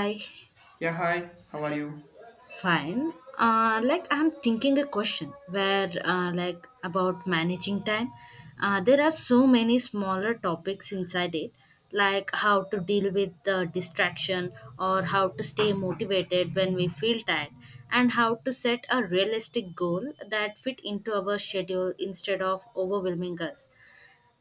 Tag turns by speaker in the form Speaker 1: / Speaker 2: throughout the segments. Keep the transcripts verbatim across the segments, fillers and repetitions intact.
Speaker 1: I
Speaker 2: Yeah, hi, how are you?
Speaker 1: fine. Uh, like I'm thinking a question where uh, like about managing time. Uh, there are so many smaller topics inside it, like how to deal with the distraction or how to stay motivated when we feel tired, and how to set a realistic goal that fit into our schedule instead of overwhelming us.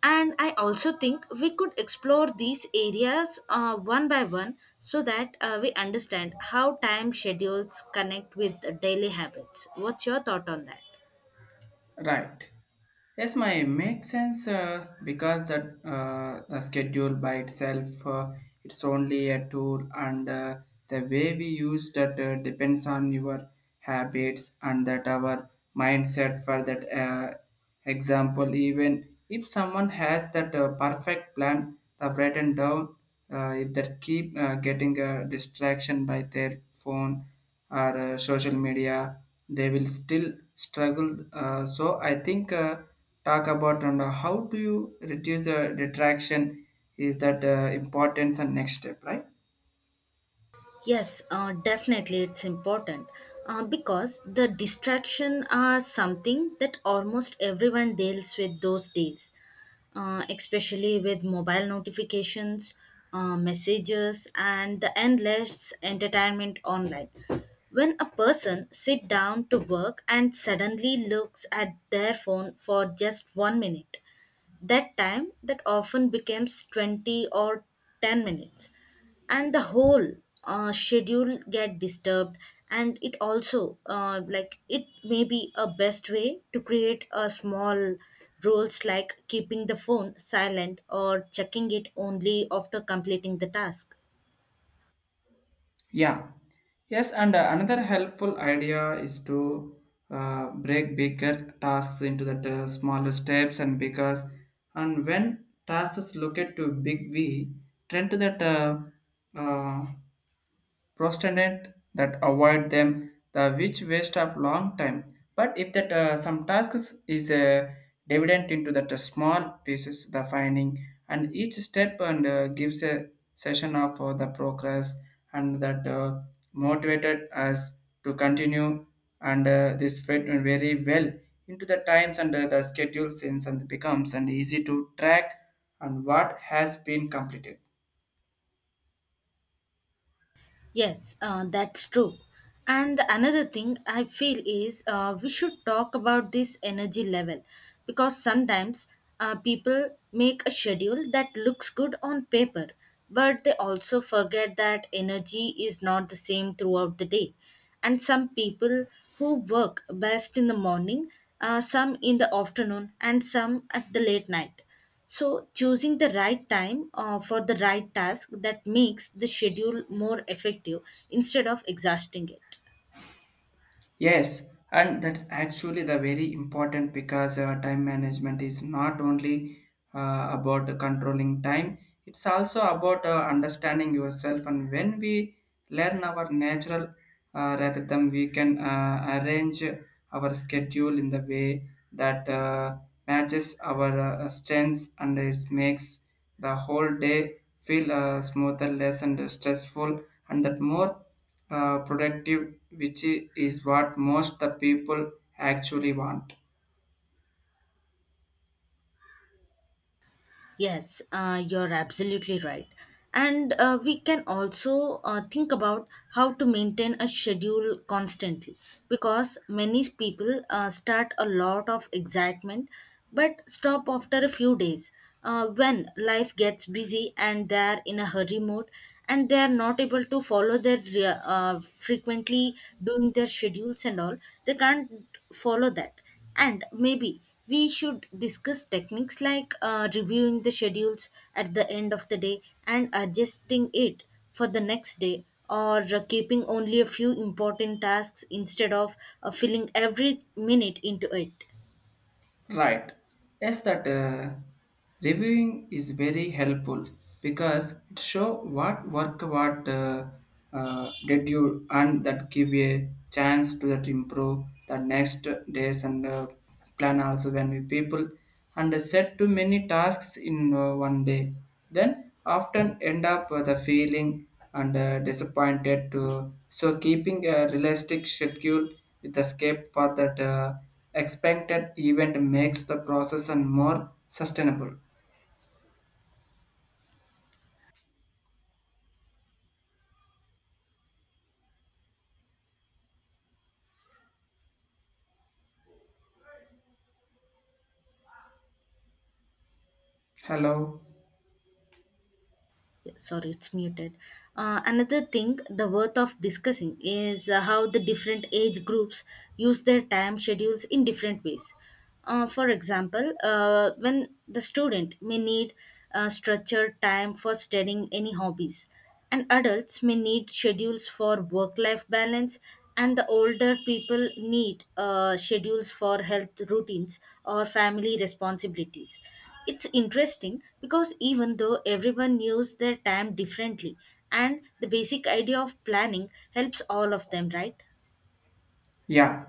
Speaker 1: And I also think we could explore these areas uh, one by one so that uh, we understand how time schedules connect with daily habits. What's your thought on that?
Speaker 2: Right. Yes, my makes sense uh, because that, uh, the schedule by itself, uh, it's only a tool and, uh, the way we use that uh, depends on your habits and that our mindset for that, uh, example even if someone has that uh, perfect plan they've written down, uh, if they keep uh, getting a distraction by their phone or uh, social media they will still struggle, uh, so I think, uh, talk about and, uh, how do you reduce uh, detraction is that uh, importance and next step, right.
Speaker 1: Yes, uh, definitely it's important uh, because the distraction are something that almost everyone deals with those days, uh, especially with mobile notifications, uh, messages, and the endless entertainment online. When a person sit down to work and suddenly looks at their phone for just one minute, that time that often becomes twenty or ten minutes and the whole uh, schedule get disturbed, and it also uh, like it may be a best way to create a small rules like keeping the phone silent or checking it only after completing the task.
Speaker 2: Yeah, yes, and uh, another helpful idea is to uh, break bigger tasks into that uh, smaller steps, and because and when tasks look at to big v trend to that uh, uh, prosternate that avoid them the which waste of long time, but if that, uh, some tasks is uh, divided into that uh, small pieces the finding and each step and uh, gives a session of uh, the progress, and that, uh, motivated us to continue, and uh, this fit in very well into the times and, uh, the schedule since and becomes and easy to track and what has been completed.
Speaker 1: Yes, uh, that's true. And another thing I feel is uh, we should talk about this energy level, because sometimes uh, people make a schedule that looks good on paper, but they also forget that energy is not the same throughout the day. And some people who work best in the morning, uh, some in the afternoon, and some at the late night, so choosing the right time uh, for the right task that makes the schedule more effective instead of exhausting it.
Speaker 2: Yes, and that's actually the very important, because uh, time management is not only uh, about controlling time, it's also about uh, understanding yourself. And when we learn our natural, uh, rather than we can uh, arrange our schedule in the way that uh, matches our uh, strengths, and it makes the whole day feel uh, smoother, less and stressful, and that more uh, productive, which i- is what most the people actually want.
Speaker 1: Yes, uh, you're absolutely right. And uh, we can also uh, think about how to maintain a schedule constantly, because many people uh, start a lot of excitement but stop after a few days uh, when life gets busy and they're in a hurry mode and they are not able to follow their re- uh, frequently doing their schedules and all. They can't follow that, and maybe we should discuss techniques like uh, reviewing the schedules at the end of the day and adjusting it for the next day, or uh, keeping only a few important tasks instead of uh, filling every minute into it.
Speaker 2: Right. Yes, that, uh, reviewing is very helpful because it show what work, what, uh, uh, did you, and that give a chance to that improve the next days, and uh, plan. Also when we people and set to many tasks in uh, one day, then often end up with the feeling and uh, disappointed too. So keeping a realistic schedule with escape for that uh, expected event makes the process and more sustainable. Hello.
Speaker 1: Yeah, sorry, it's muted. Uh, another thing the worth of discussing is uh, how the different age groups use their time schedules in different ways. Uh, for example, uh, when the student may need uh, structured time for studying any hobbies, and adults may need schedules for work life balance, and the older people need uh, schedules for health routines or family responsibilities. It's interesting because even though everyone used their time differently, and the basic idea of planning helps all of them, right?
Speaker 2: Yeah.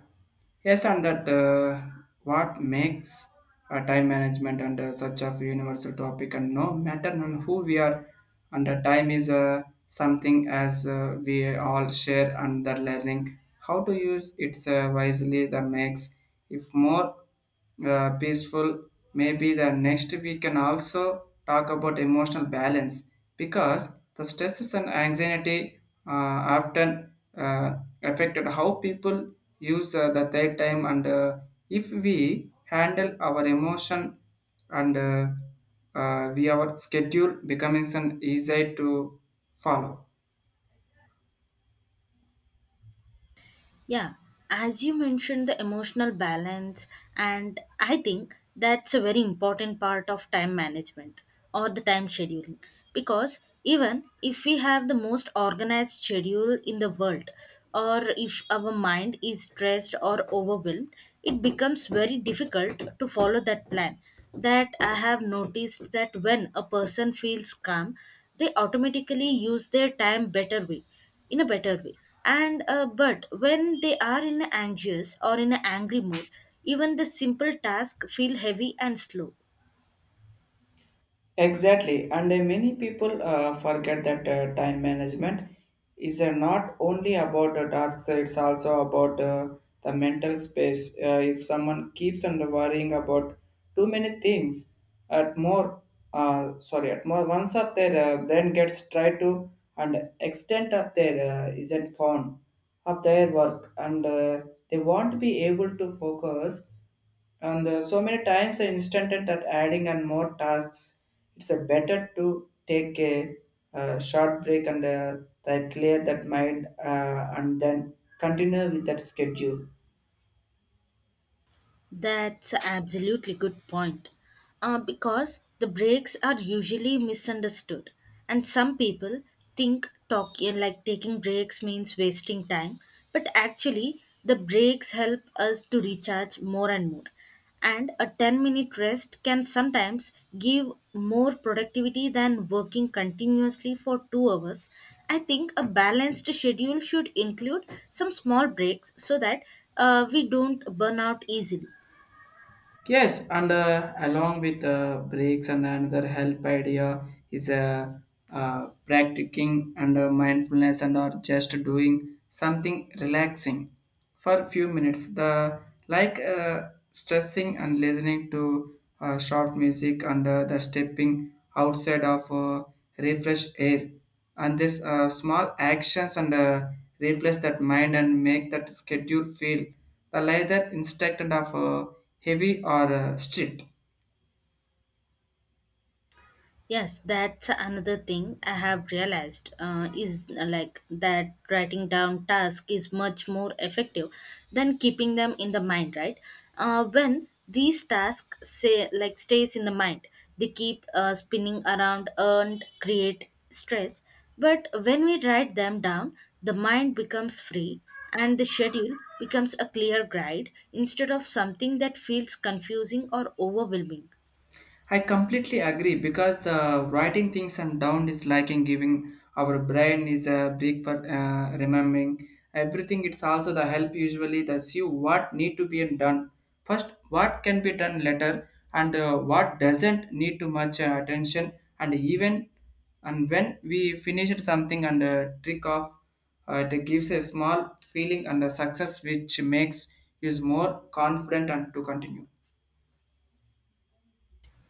Speaker 2: Yes, and that, uh, what makes uh, time management and uh, such a universal topic, and no matter on who we are, and the time is uh, something as uh, we all share, and the learning how to use it uh, wisely that makes if more uh, peaceful. Maybe the next we can also talk about emotional balance because the stresses and anxiety uh, often uh, affected how people use uh, the their time, and uh, if we handle our emotion and, uh, uh, we our schedule becomes an easy to follow.
Speaker 1: Yeah, as you mentioned, the emotional balance, and I think that's a very important part of time management or the time scheduling, because even if we have the most organized schedule in the world, or if our mind is stressed or overwhelmed, it becomes very difficult to follow that plan. That I have noticed that when a person feels calm, they automatically use their time better way in a better way, and uh, but when they are in an anxious or in an angry mood, even the simple task feel heavy and slow.
Speaker 2: Exactly, and uh, many people uh, forget that uh, time management is uh, not only about the tasks, it's also about uh, the mental space. Uh, if someone keeps on worrying about too many things at more, uh, sorry, at more once of their, uh, brain gets tried to and extent of their uh, isn't found of their work, and uh, they won't be able to focus. And uh, so many times I instanted that adding and more tasks, it's a better to take a, uh short break, and uh, that clear that mind, uh, and then continue with that schedule.
Speaker 1: That's absolutely good point. Uh, because the breaks are usually misunderstood, and some people think talking like taking breaks means wasting time, but actually the breaks help us to recharge more and more. And a ten minute rest can sometimes give more productivity than working continuously for two hours. I think a balanced schedule should include some small breaks so that uh, we don't burn out easily.
Speaker 2: Yes, and uh, along with uh, breaks and another help idea is, uh, uh, practicing and uh, mindfulness, and or just doing something relaxing for a few minutes. The like uh, stressing and listening to uh, short music, and uh, the stepping outside of uh, refresh air, and this, uh, small actions and uh, reflex that mind and make that schedule feel the like, instead of uh, heavy or uh, strict.
Speaker 1: Yes, that's another thing I have realized uh, is uh, like that writing down task is much more effective than keeping them in the mind, right? Uh, when these tasks say like stays in the mind, they keep uh, spinning around and create stress. But when we write them down, the mind becomes free and the schedule becomes a clear guide instead of something that feels confusing or overwhelming.
Speaker 2: I completely agree, because the writing things and down is like in giving our brain is a break for uh, remembering everything. It's also the help usually that see what need to be done first, what can be done later, and uh, what doesn't need too much uh, attention. And even and when we finished something and uh, trick off, uh, it gives a small feeling and a success which makes is more confident and to continue.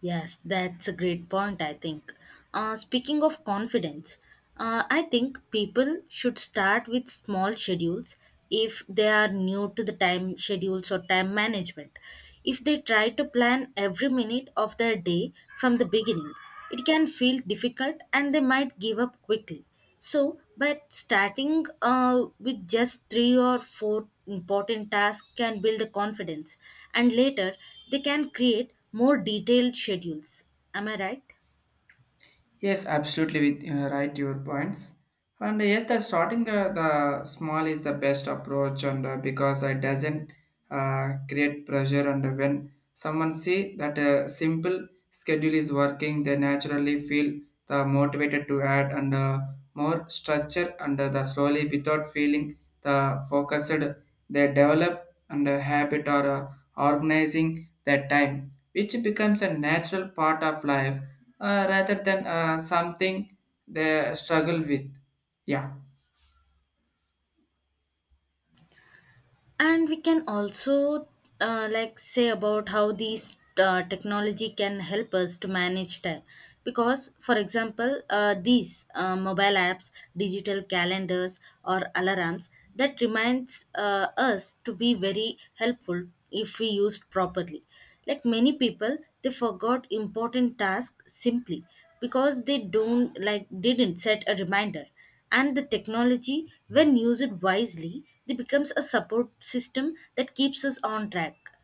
Speaker 1: Yes, that's a great point, I think. Uh, speaking of confidence, uh, I think people should start with small schedules if they are new to the time schedules or time management. If they try to plan every minute of their day from the beginning, it can feel difficult and they might give up quickly. So, but starting uh, with just three or four important tasks can build a confidence, and later they can create more detailed schedules. Am I right?
Speaker 2: Yes, absolutely with, uh, right your points. And yet, the starting, uh, the small is the best approach, and uh, because it doesn't uh, create pressure. And when someone see that a simple schedule is working, they naturally feel the motivated to add and, uh, more structure and uh, the slowly without feeling the focused. They develop and a habit, or uh, organizing that time, which becomes a natural part of life, uh, rather than uh, something they struggle with. Yeah.
Speaker 1: And we can also uh, like say about how these uh, technology can help us to manage time, because for example uh, these uh, mobile apps, digital calendars, or alarms that reminds uh, us to be very helpful if we used properly. Like many people, they forgot important tasks simply because they don't like didn't set a reminder. And the technology, when used wisely, it becomes a support system that keeps us on track.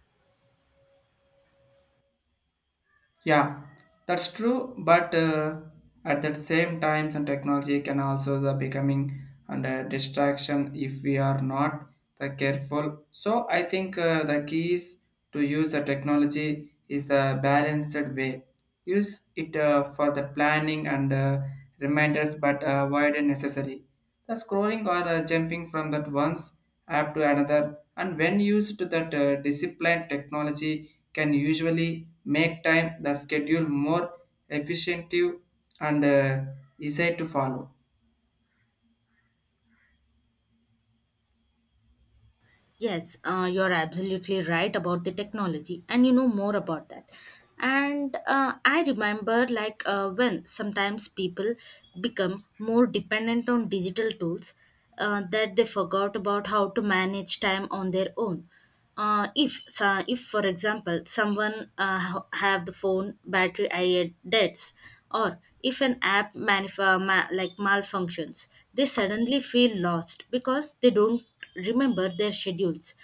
Speaker 2: Yeah, that's true. But, uh, at that same time, some technology can also the becoming under distraction if we are not the careful. So I think uh, the key is to use the technology is the balanced way. Use it uh, for the planning and uh, reminders, but uh, avoid unnecessary. The scrolling or uh, jumping from that one app to another, and when used to that, uh, disciplined technology can usually make time the schedule more efficient and uh, easy to follow.
Speaker 1: Yes, uh, you're absolutely right about the technology, and you know more about that. And uh, I remember, like, uh, when sometimes people become more dependent on digital tools uh, that they forgot about how to manage time on their own. Uh, if so, if for example someone uh, ha- have the phone battery i- deaths, or if an app manif- uh, ma- like malfunctions, they suddenly feel lost because they don't remember their schedules.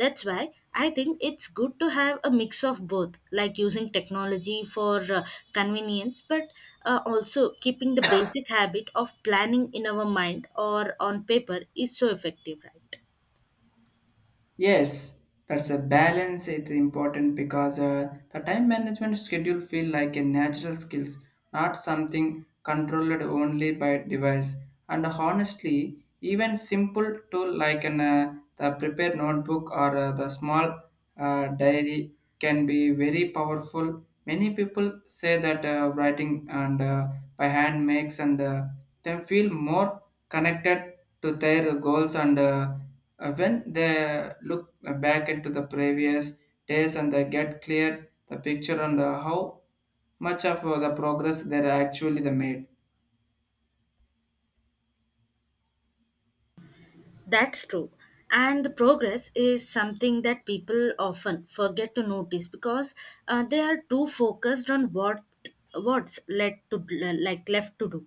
Speaker 1: That's why I think it's good to have a mix of both, like using technology for uh, convenience, but uh, also keeping the basic habit of planning in our mind or on paper is so effective, right?
Speaker 2: Yes, that's a balance. It's important because uh, the time management schedule feel like a natural skills, not something controlled only by device. And honestly, even simple tool like an, uh, the prepared notebook or uh, the small uh, diary can be very powerful. Many people say that uh, writing and uh, by hand makes and uh, them feel more connected to their goals and. Uh, uh, when they look back into the previous days and they get clear the picture on the how much of uh, the progress they actually the made.
Speaker 1: That's true. And the progress is something that people often forget to notice, because uh, they are too focused on what what's led to like left to do.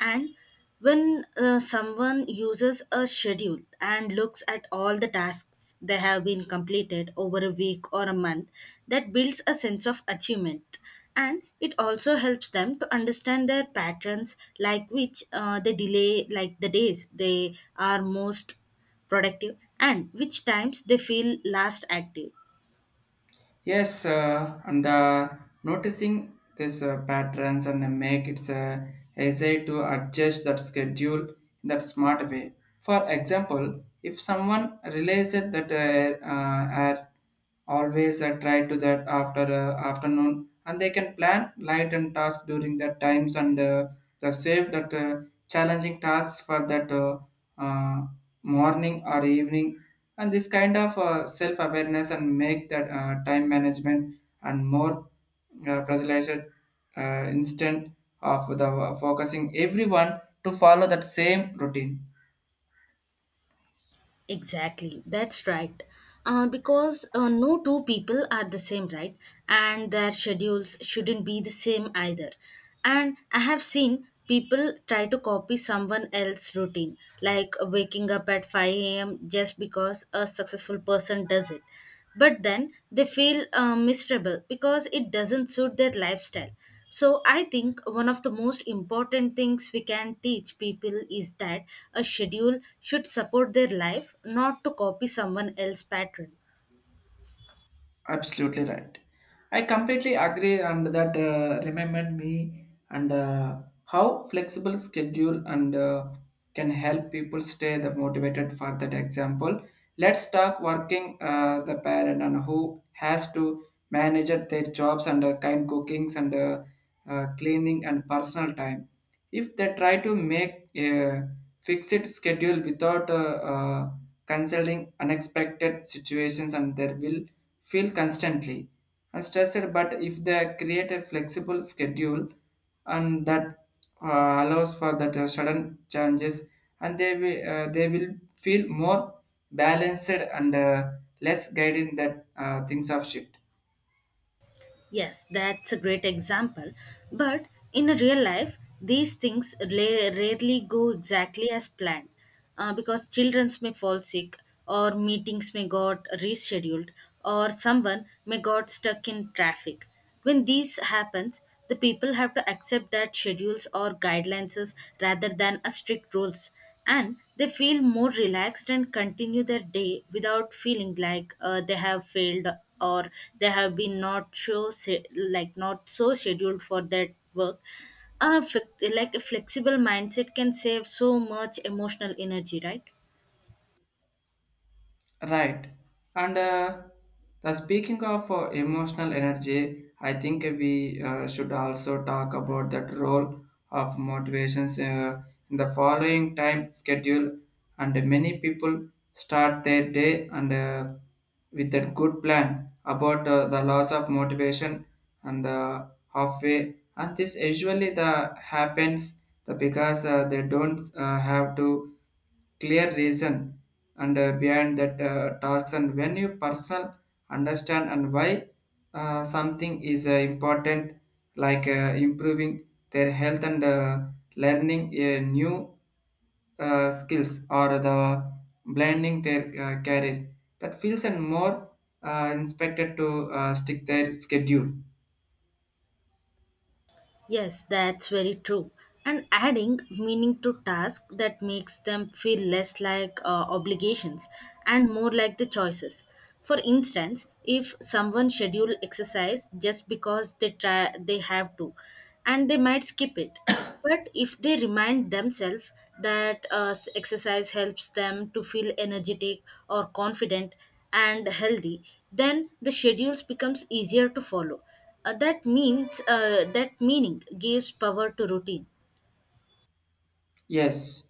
Speaker 1: And when uh, someone uses a schedule and looks at all the tasks that have been completed over a week or a month, that builds a sense of achievement, and it also helps them to understand their patterns, like which uh, they delay like the days they are most productive and which times they feel last active.
Speaker 2: Yes, uh, and uh, noticing this uh, patterns and uh, make its uh, essay to adjust that schedule in that smart way. For example, if someone realizes that, uh, uh, are always uh, try to that after uh, afternoon, and they can plan light and tasks during that times, and uh, the save that uh, challenging tasks for that. Uh, uh, Morning or evening, and this kind of uh, self-awareness and make that, uh, time management and more uh, personalized, uh, instant of the focusing everyone to follow that same routine.
Speaker 1: Exactly, that's right. Uh, because uh, no two people are the same, right? And their schedules shouldn't be the same either. And I have seen people try to copy someone else's routine, like waking up at five a m just because a successful person does it. But then they feel uh, miserable because it doesn't suit their lifestyle. So I think one of the most important things we can teach people is that a schedule should support their life, not to copy someone else's pattern.
Speaker 2: Absolutely right. I completely agree, and that uh, reminded me, and uh, how flexible schedule and uh, can help people stay the motivated for that example. Let's talk working, uh, the parent and who has to manage their jobs and uh, kind cookings and, uh, uh, cleaning and personal time. If they try to make a fixed schedule without, uh, uh, considering unexpected situations and they will feel constantly and stressed, but if they create a flexible schedule and that uh, allows for that uh, sudden changes, and they will, uh, they will feel more balanced, and uh, less guided that uh, things of shift.
Speaker 1: Yes, that's a great example. But in a real life, these things la- rarely go exactly as planned, uh, because children may fall sick, or meetings may got rescheduled, or someone may got stuck in traffic. When these happens, the people have to accept that schedules or guidelines is rather than a strict rules, and they feel more relaxed and continue their day without feeling like uh, they have failed, or they have been not so se- like not so scheduled for that work. Uh, flex- like a flexible mindset can save so much emotional energy, right?
Speaker 2: Right. And uh, the speaking of uh, emotional energy, I think we uh, should also talk about that role of motivations uh, in the following time schedule. And many people start their day, and uh, with that good plan about uh, the loss of motivation, and uh, halfway. And this usually the happens the because uh, they don't uh, have to clear reason, and uh, behind that uh, task, and when you person understand and why uh, something is uh, important, like uh, improving their health and uh, learning a new uh, skills, or the blending their uh, career, that feels and more uh, inspected to uh, stick their schedule.
Speaker 1: Yes, that's very true. And adding meaning to tasks that makes them feel less like uh, obligations and more like the choices. For instance, if someone schedule exercise just because they try they have to, and they might skip it, but if they remind themselves that uh, exercise helps them to feel energetic or confident and healthy, then the schedules becomes easier to follow. Uh, that means uh, that meaning gives power to routine.
Speaker 2: Yes,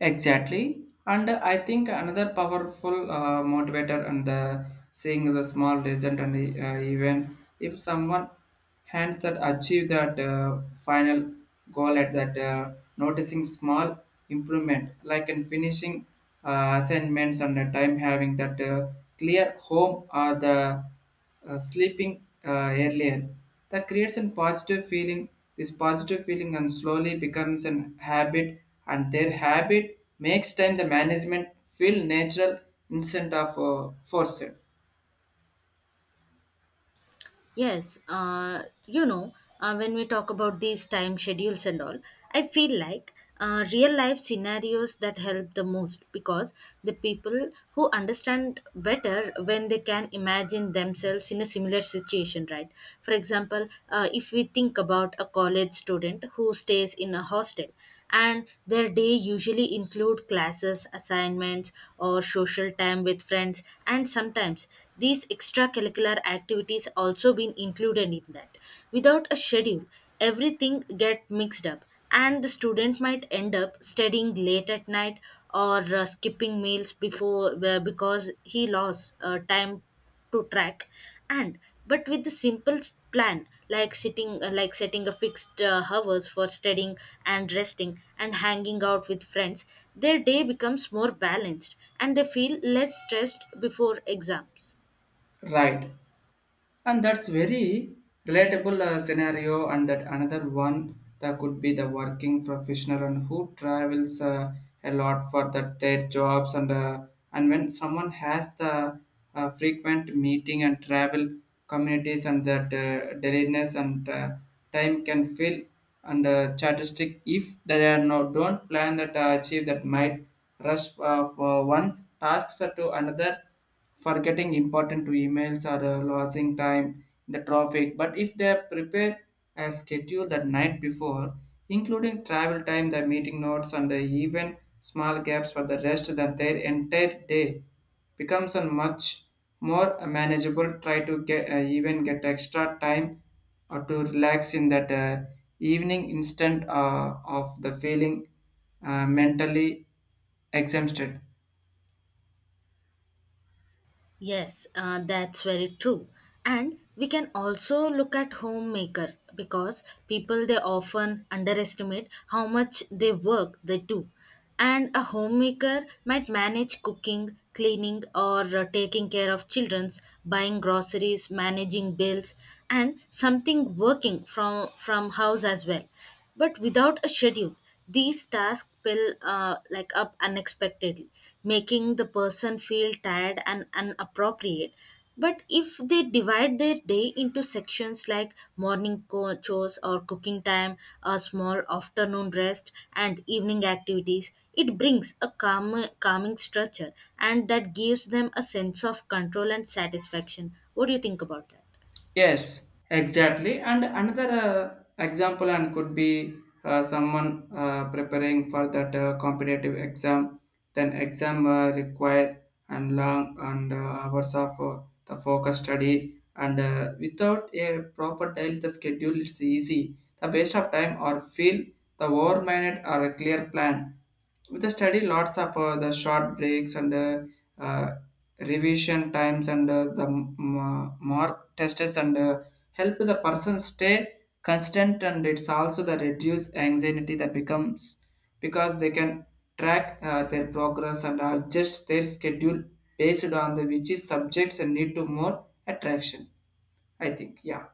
Speaker 2: exactly. And I think another powerful uh, motivator and the seeing the small result, and uh, even if someone hands that achieve that, uh, final goal at that, uh, noticing small improvement like in finishing uh, assignments and the time, having that, uh, clear home or the uh, sleeping uh, earlier. That creates a positive feeling. This positive feeling and slowly becomes an habit, and their habit makes time the management feel natural, instead of uh, forced.
Speaker 1: Yes, uh, you know, uh, when we talk about these time schedules and all, I feel like uh, real life scenarios that help the most, because the people who understand better when they can imagine themselves in a similar situation, right? For example, uh, if we think about a college student who stays in a hostel, and their day usually include classes, assignments, or social time with friends, and sometimes these extracurricular curricular activities also been included in that. Without a schedule, everything get mixed up, and the student might end up studying late at night, or uh, skipping meals before uh, because he lost uh, time to track. And but with the simple s- plan, like sitting uh, like setting a fixed uh, hours for studying and resting and hanging out with friends, their day becomes more balanced and they feel less stressed before exams.
Speaker 2: Right. And that's very relatable uh, scenario, and that another one that could be the working professional and who travels uh, a lot for that their jobs, and uh, and when someone has the uh, frequent meeting and travel communities, and that uh, deadliness and uh, time can feel and uh, chartistic if they are no don't plan, that uh, achieve that might rush uh, for one task to another, forgetting important to emails or uh, losing time in the traffic. But if they prepare a schedule the night before, including travel time, the meeting notes, and the even small gaps for the rest, that their entire day becomes a much more manageable. Try to get, uh, even get extra time or to relax in that uh, evening, instant uh, of the feeling uh, mentally exhausted.
Speaker 1: Yes, uh, that's very true. And we can also look at homemaker, because people they often underestimate how much they work they do. And a homemaker might manage cooking, cleaning, or uh, taking care of children's, buying groceries, managing bills, and something working from from house as well, but without a schedule, these tasks pile uh, like up unexpectedly, making the person feel tired and inappropriate. But if they divide their day into sections like morning co- chores or cooking time, a small afternoon rest, and evening activities, it brings a calm, calming structure, and that gives them a sense of control and satisfaction. What do you think about that?
Speaker 2: Yes, exactly. And another uh, example and could be uh, someone uh, preparing for that uh, competitive exam. Then exam uh, require and long and uh, hours of uh, the focus study and uh, without a proper daily the schedule it's easy. The waste of time or feel the over minded or a clear plan. With the study, lots of uh, the short breaks and uh, uh, revision times and uh, the m- m- uh, mark tests and uh, help the person stay constant and it's also the reduce anxiety that becomes because they can track uh, their progress and adjust their schedule based on the which is subjects and need to more attraction I think yeah.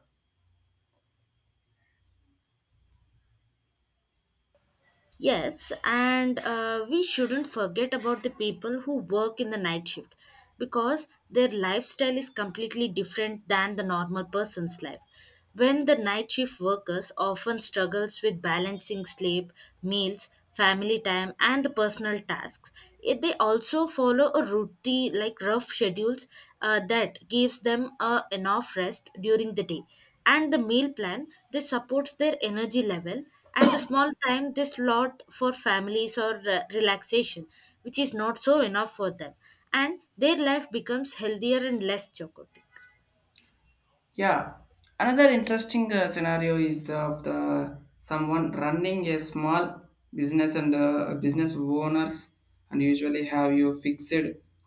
Speaker 1: Yes, and uh, we shouldn't forget about the people who work in the night shift, because their lifestyle is completely different than the normal person's life. When the night shift workers often struggles with balancing sleep, meals, family time, and the personal tasks. It- they also follow a routine like rough schedules uh, that gives them uh, enough rest during the day, and the meal plan this supports their energy level, and the small time they slot for families or uh, relaxation, which is not so enough for them, and their life becomes healthier and less chaotic.
Speaker 2: Yeah, another interesting uh, scenario is the, of the someone running a small business and uh, business owners and usually have you fixed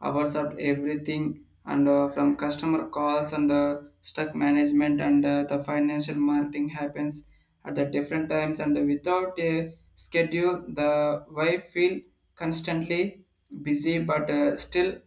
Speaker 2: hours of everything and uh, from customer calls and uh, stock management and uh, the financial marketing happens at the different times and without a schedule the wife feel constantly busy but uh, still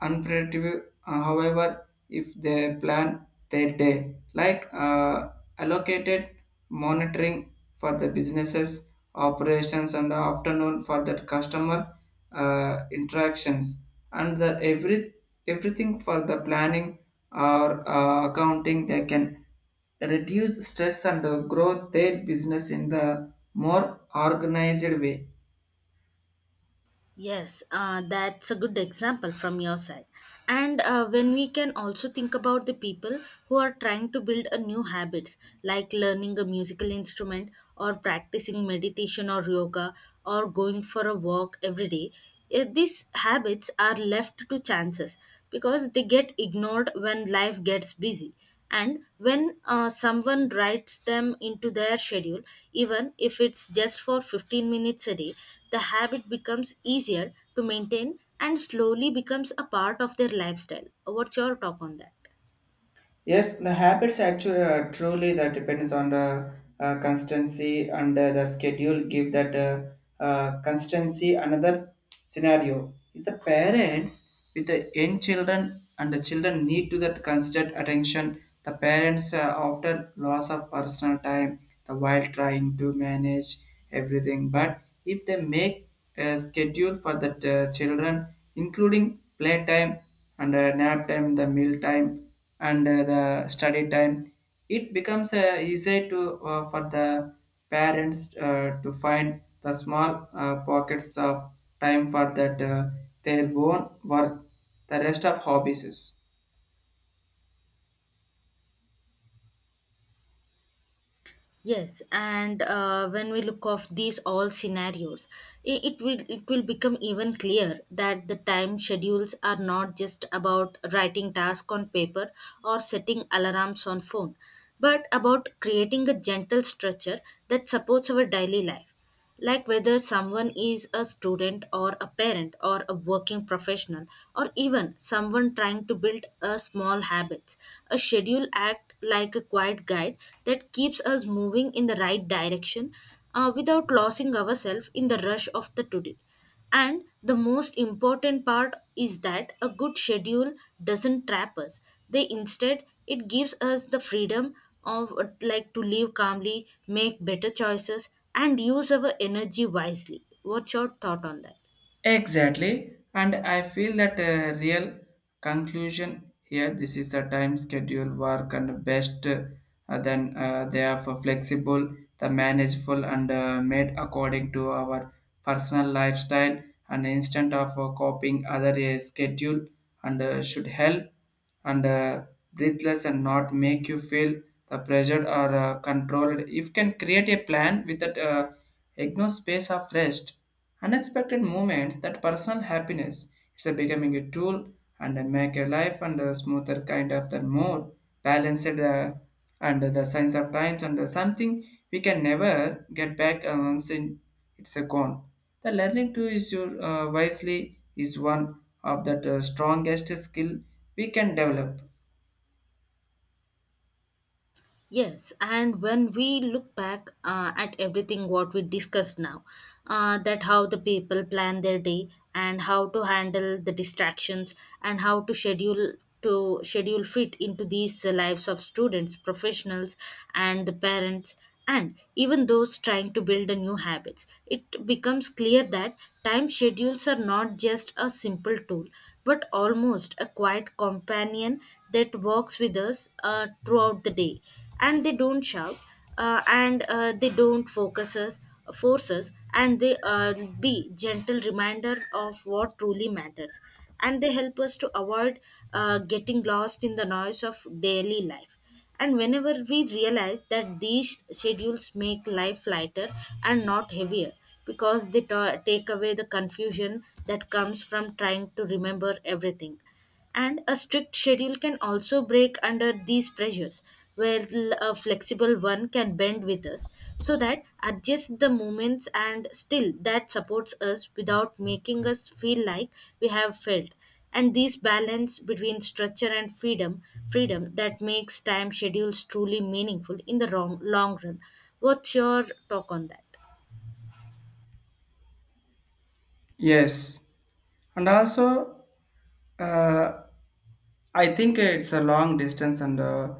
Speaker 2: unpredictable. Uh, however, if they plan their day, like uh, allocated monitoring for the businesses operations and the afternoon for the customer uh, interactions and the every everything for the planning or uh, accounting they can reduce stress and uh, grow their business in the more organized way.
Speaker 1: Yes, uh, that's a good example from your side. And uh, when we can also think about the people who are trying to build a new habits like learning a musical instrument, or practicing meditation or yoga, or going for a walk every day, eh, these habits are left to chances because they get ignored when life gets busy. And when uh, someone writes them into their schedule, even if it's just for fifteen minutes a day, the habit becomes easier to maintain and slowly becomes a part of their lifestyle. What's your talk on that?
Speaker 2: Yes, the habits actually uh, truly that depends on the uh, constancy and uh, the schedule give that uh, uh, constancy. Another scenario is the parents with the young children and the children need to that constant attention. The parents uh, often loss of personal time the while trying to manage everything. But if they make a schedule for the uh, children, including playtime and uh, nap time, the meal time and uh, the study time it becomes uh, easy to uh, for the parents uh, to find the small uh, pockets of time for that uh, their own work the rest of hobbies is.
Speaker 1: Yes, and uh, when we look of these all scenarios, it, it will it will become even clear that the time schedules are not just about writing tasks on paper or setting alarms on phone, but about creating a gentle structure that supports our daily life, like whether someone is a student or a parent or a working professional, or even someone trying to build a small habits. A schedule act like a quiet guide that keeps us moving in the right direction uh, without losing ourselves in the rush of the today. And the most important part is that a good schedule doesn't trap us. They instead it gives us the freedom of uh, like to live calmly, make better choices, and use our energy wisely. What's your thought on that?
Speaker 2: Exactly, and I feel that a real conclusion here. This is the time schedule work and best uh, than uh, they are for flexible, the manageable, and uh, made according to our personal lifestyle and instant of uh, copying other uh, schedule and uh, should help and uh, breathless and not make you feel the pressured or uh, controlled. If you can create a plan with that uh, ignore space of rest, unexpected moments, that personal happiness. It's a becoming a tool and uh, make your life and a smoother kind of the more balanced uh, and the signs of times and uh, something we can never get back uh, once in it's a gone. The learning to use your uh, wisely is one of the uh, strongest skill we can develop.
Speaker 1: Yes, and when we look back uh, at everything what we discussed now, uh, that how the people plan their day, and how to handle the distractions, and how to schedule to schedule fit into these uh, lives of students, professionals, and the parents, and even those trying to build the new habits, it becomes clear that time schedules are not just a simple tool, but almost a quiet companion that walks with us uh, throughout the day. And they don't shout uh, and uh, they don't focus us force us, and they uh, be gentle reminder of what truly matters, and they help us to avoid uh, getting lost in the noise of daily life. And whenever we realize that these schedules make life lighter and not heavier, because they ta- take away the confusion that comes from trying to remember everything. And a strict schedule can also break under these pressures, where l- a flexible one can bend with us, so that adjust the movements and still that supports us without making us feel like we have failed. And this balance between structure and freedom, freedom that makes time schedules truly meaningful in the wrong, long run. What's your talk on that?
Speaker 2: Yes, and also uh, I think it's a long distance and uh,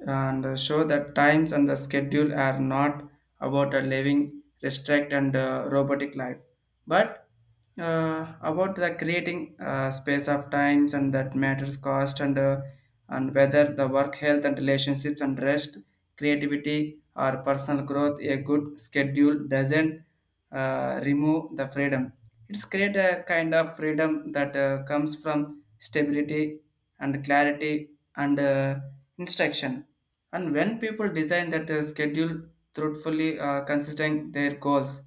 Speaker 2: and uh, show that times and the schedule are not about a living restrict and uh, robotic life, but uh, about the creating uh, space of times and that matters cost and uh, and whether the work health and relationships and rest creativity or personal growth a good schedule doesn't uh, remove the freedom it's create a kind of freedom that uh, comes from stability and clarity and uh, instruction. And when people design that uh, schedule truthfully, uh, considering their goals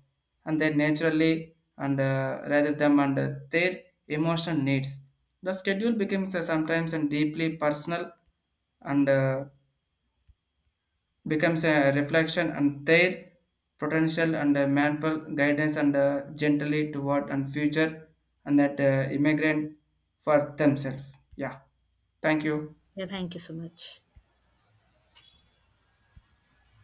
Speaker 2: and their naturally and uh, rather than and uh, their emotional needs, the schedule becomes uh, sometimes and deeply personal and uh, becomes a reflection and their potential and uh, mindful guidance and uh, gently toward and future and that uh, immigrant for themselves. Yeah. Thank you.
Speaker 1: Yeah, thank you so much.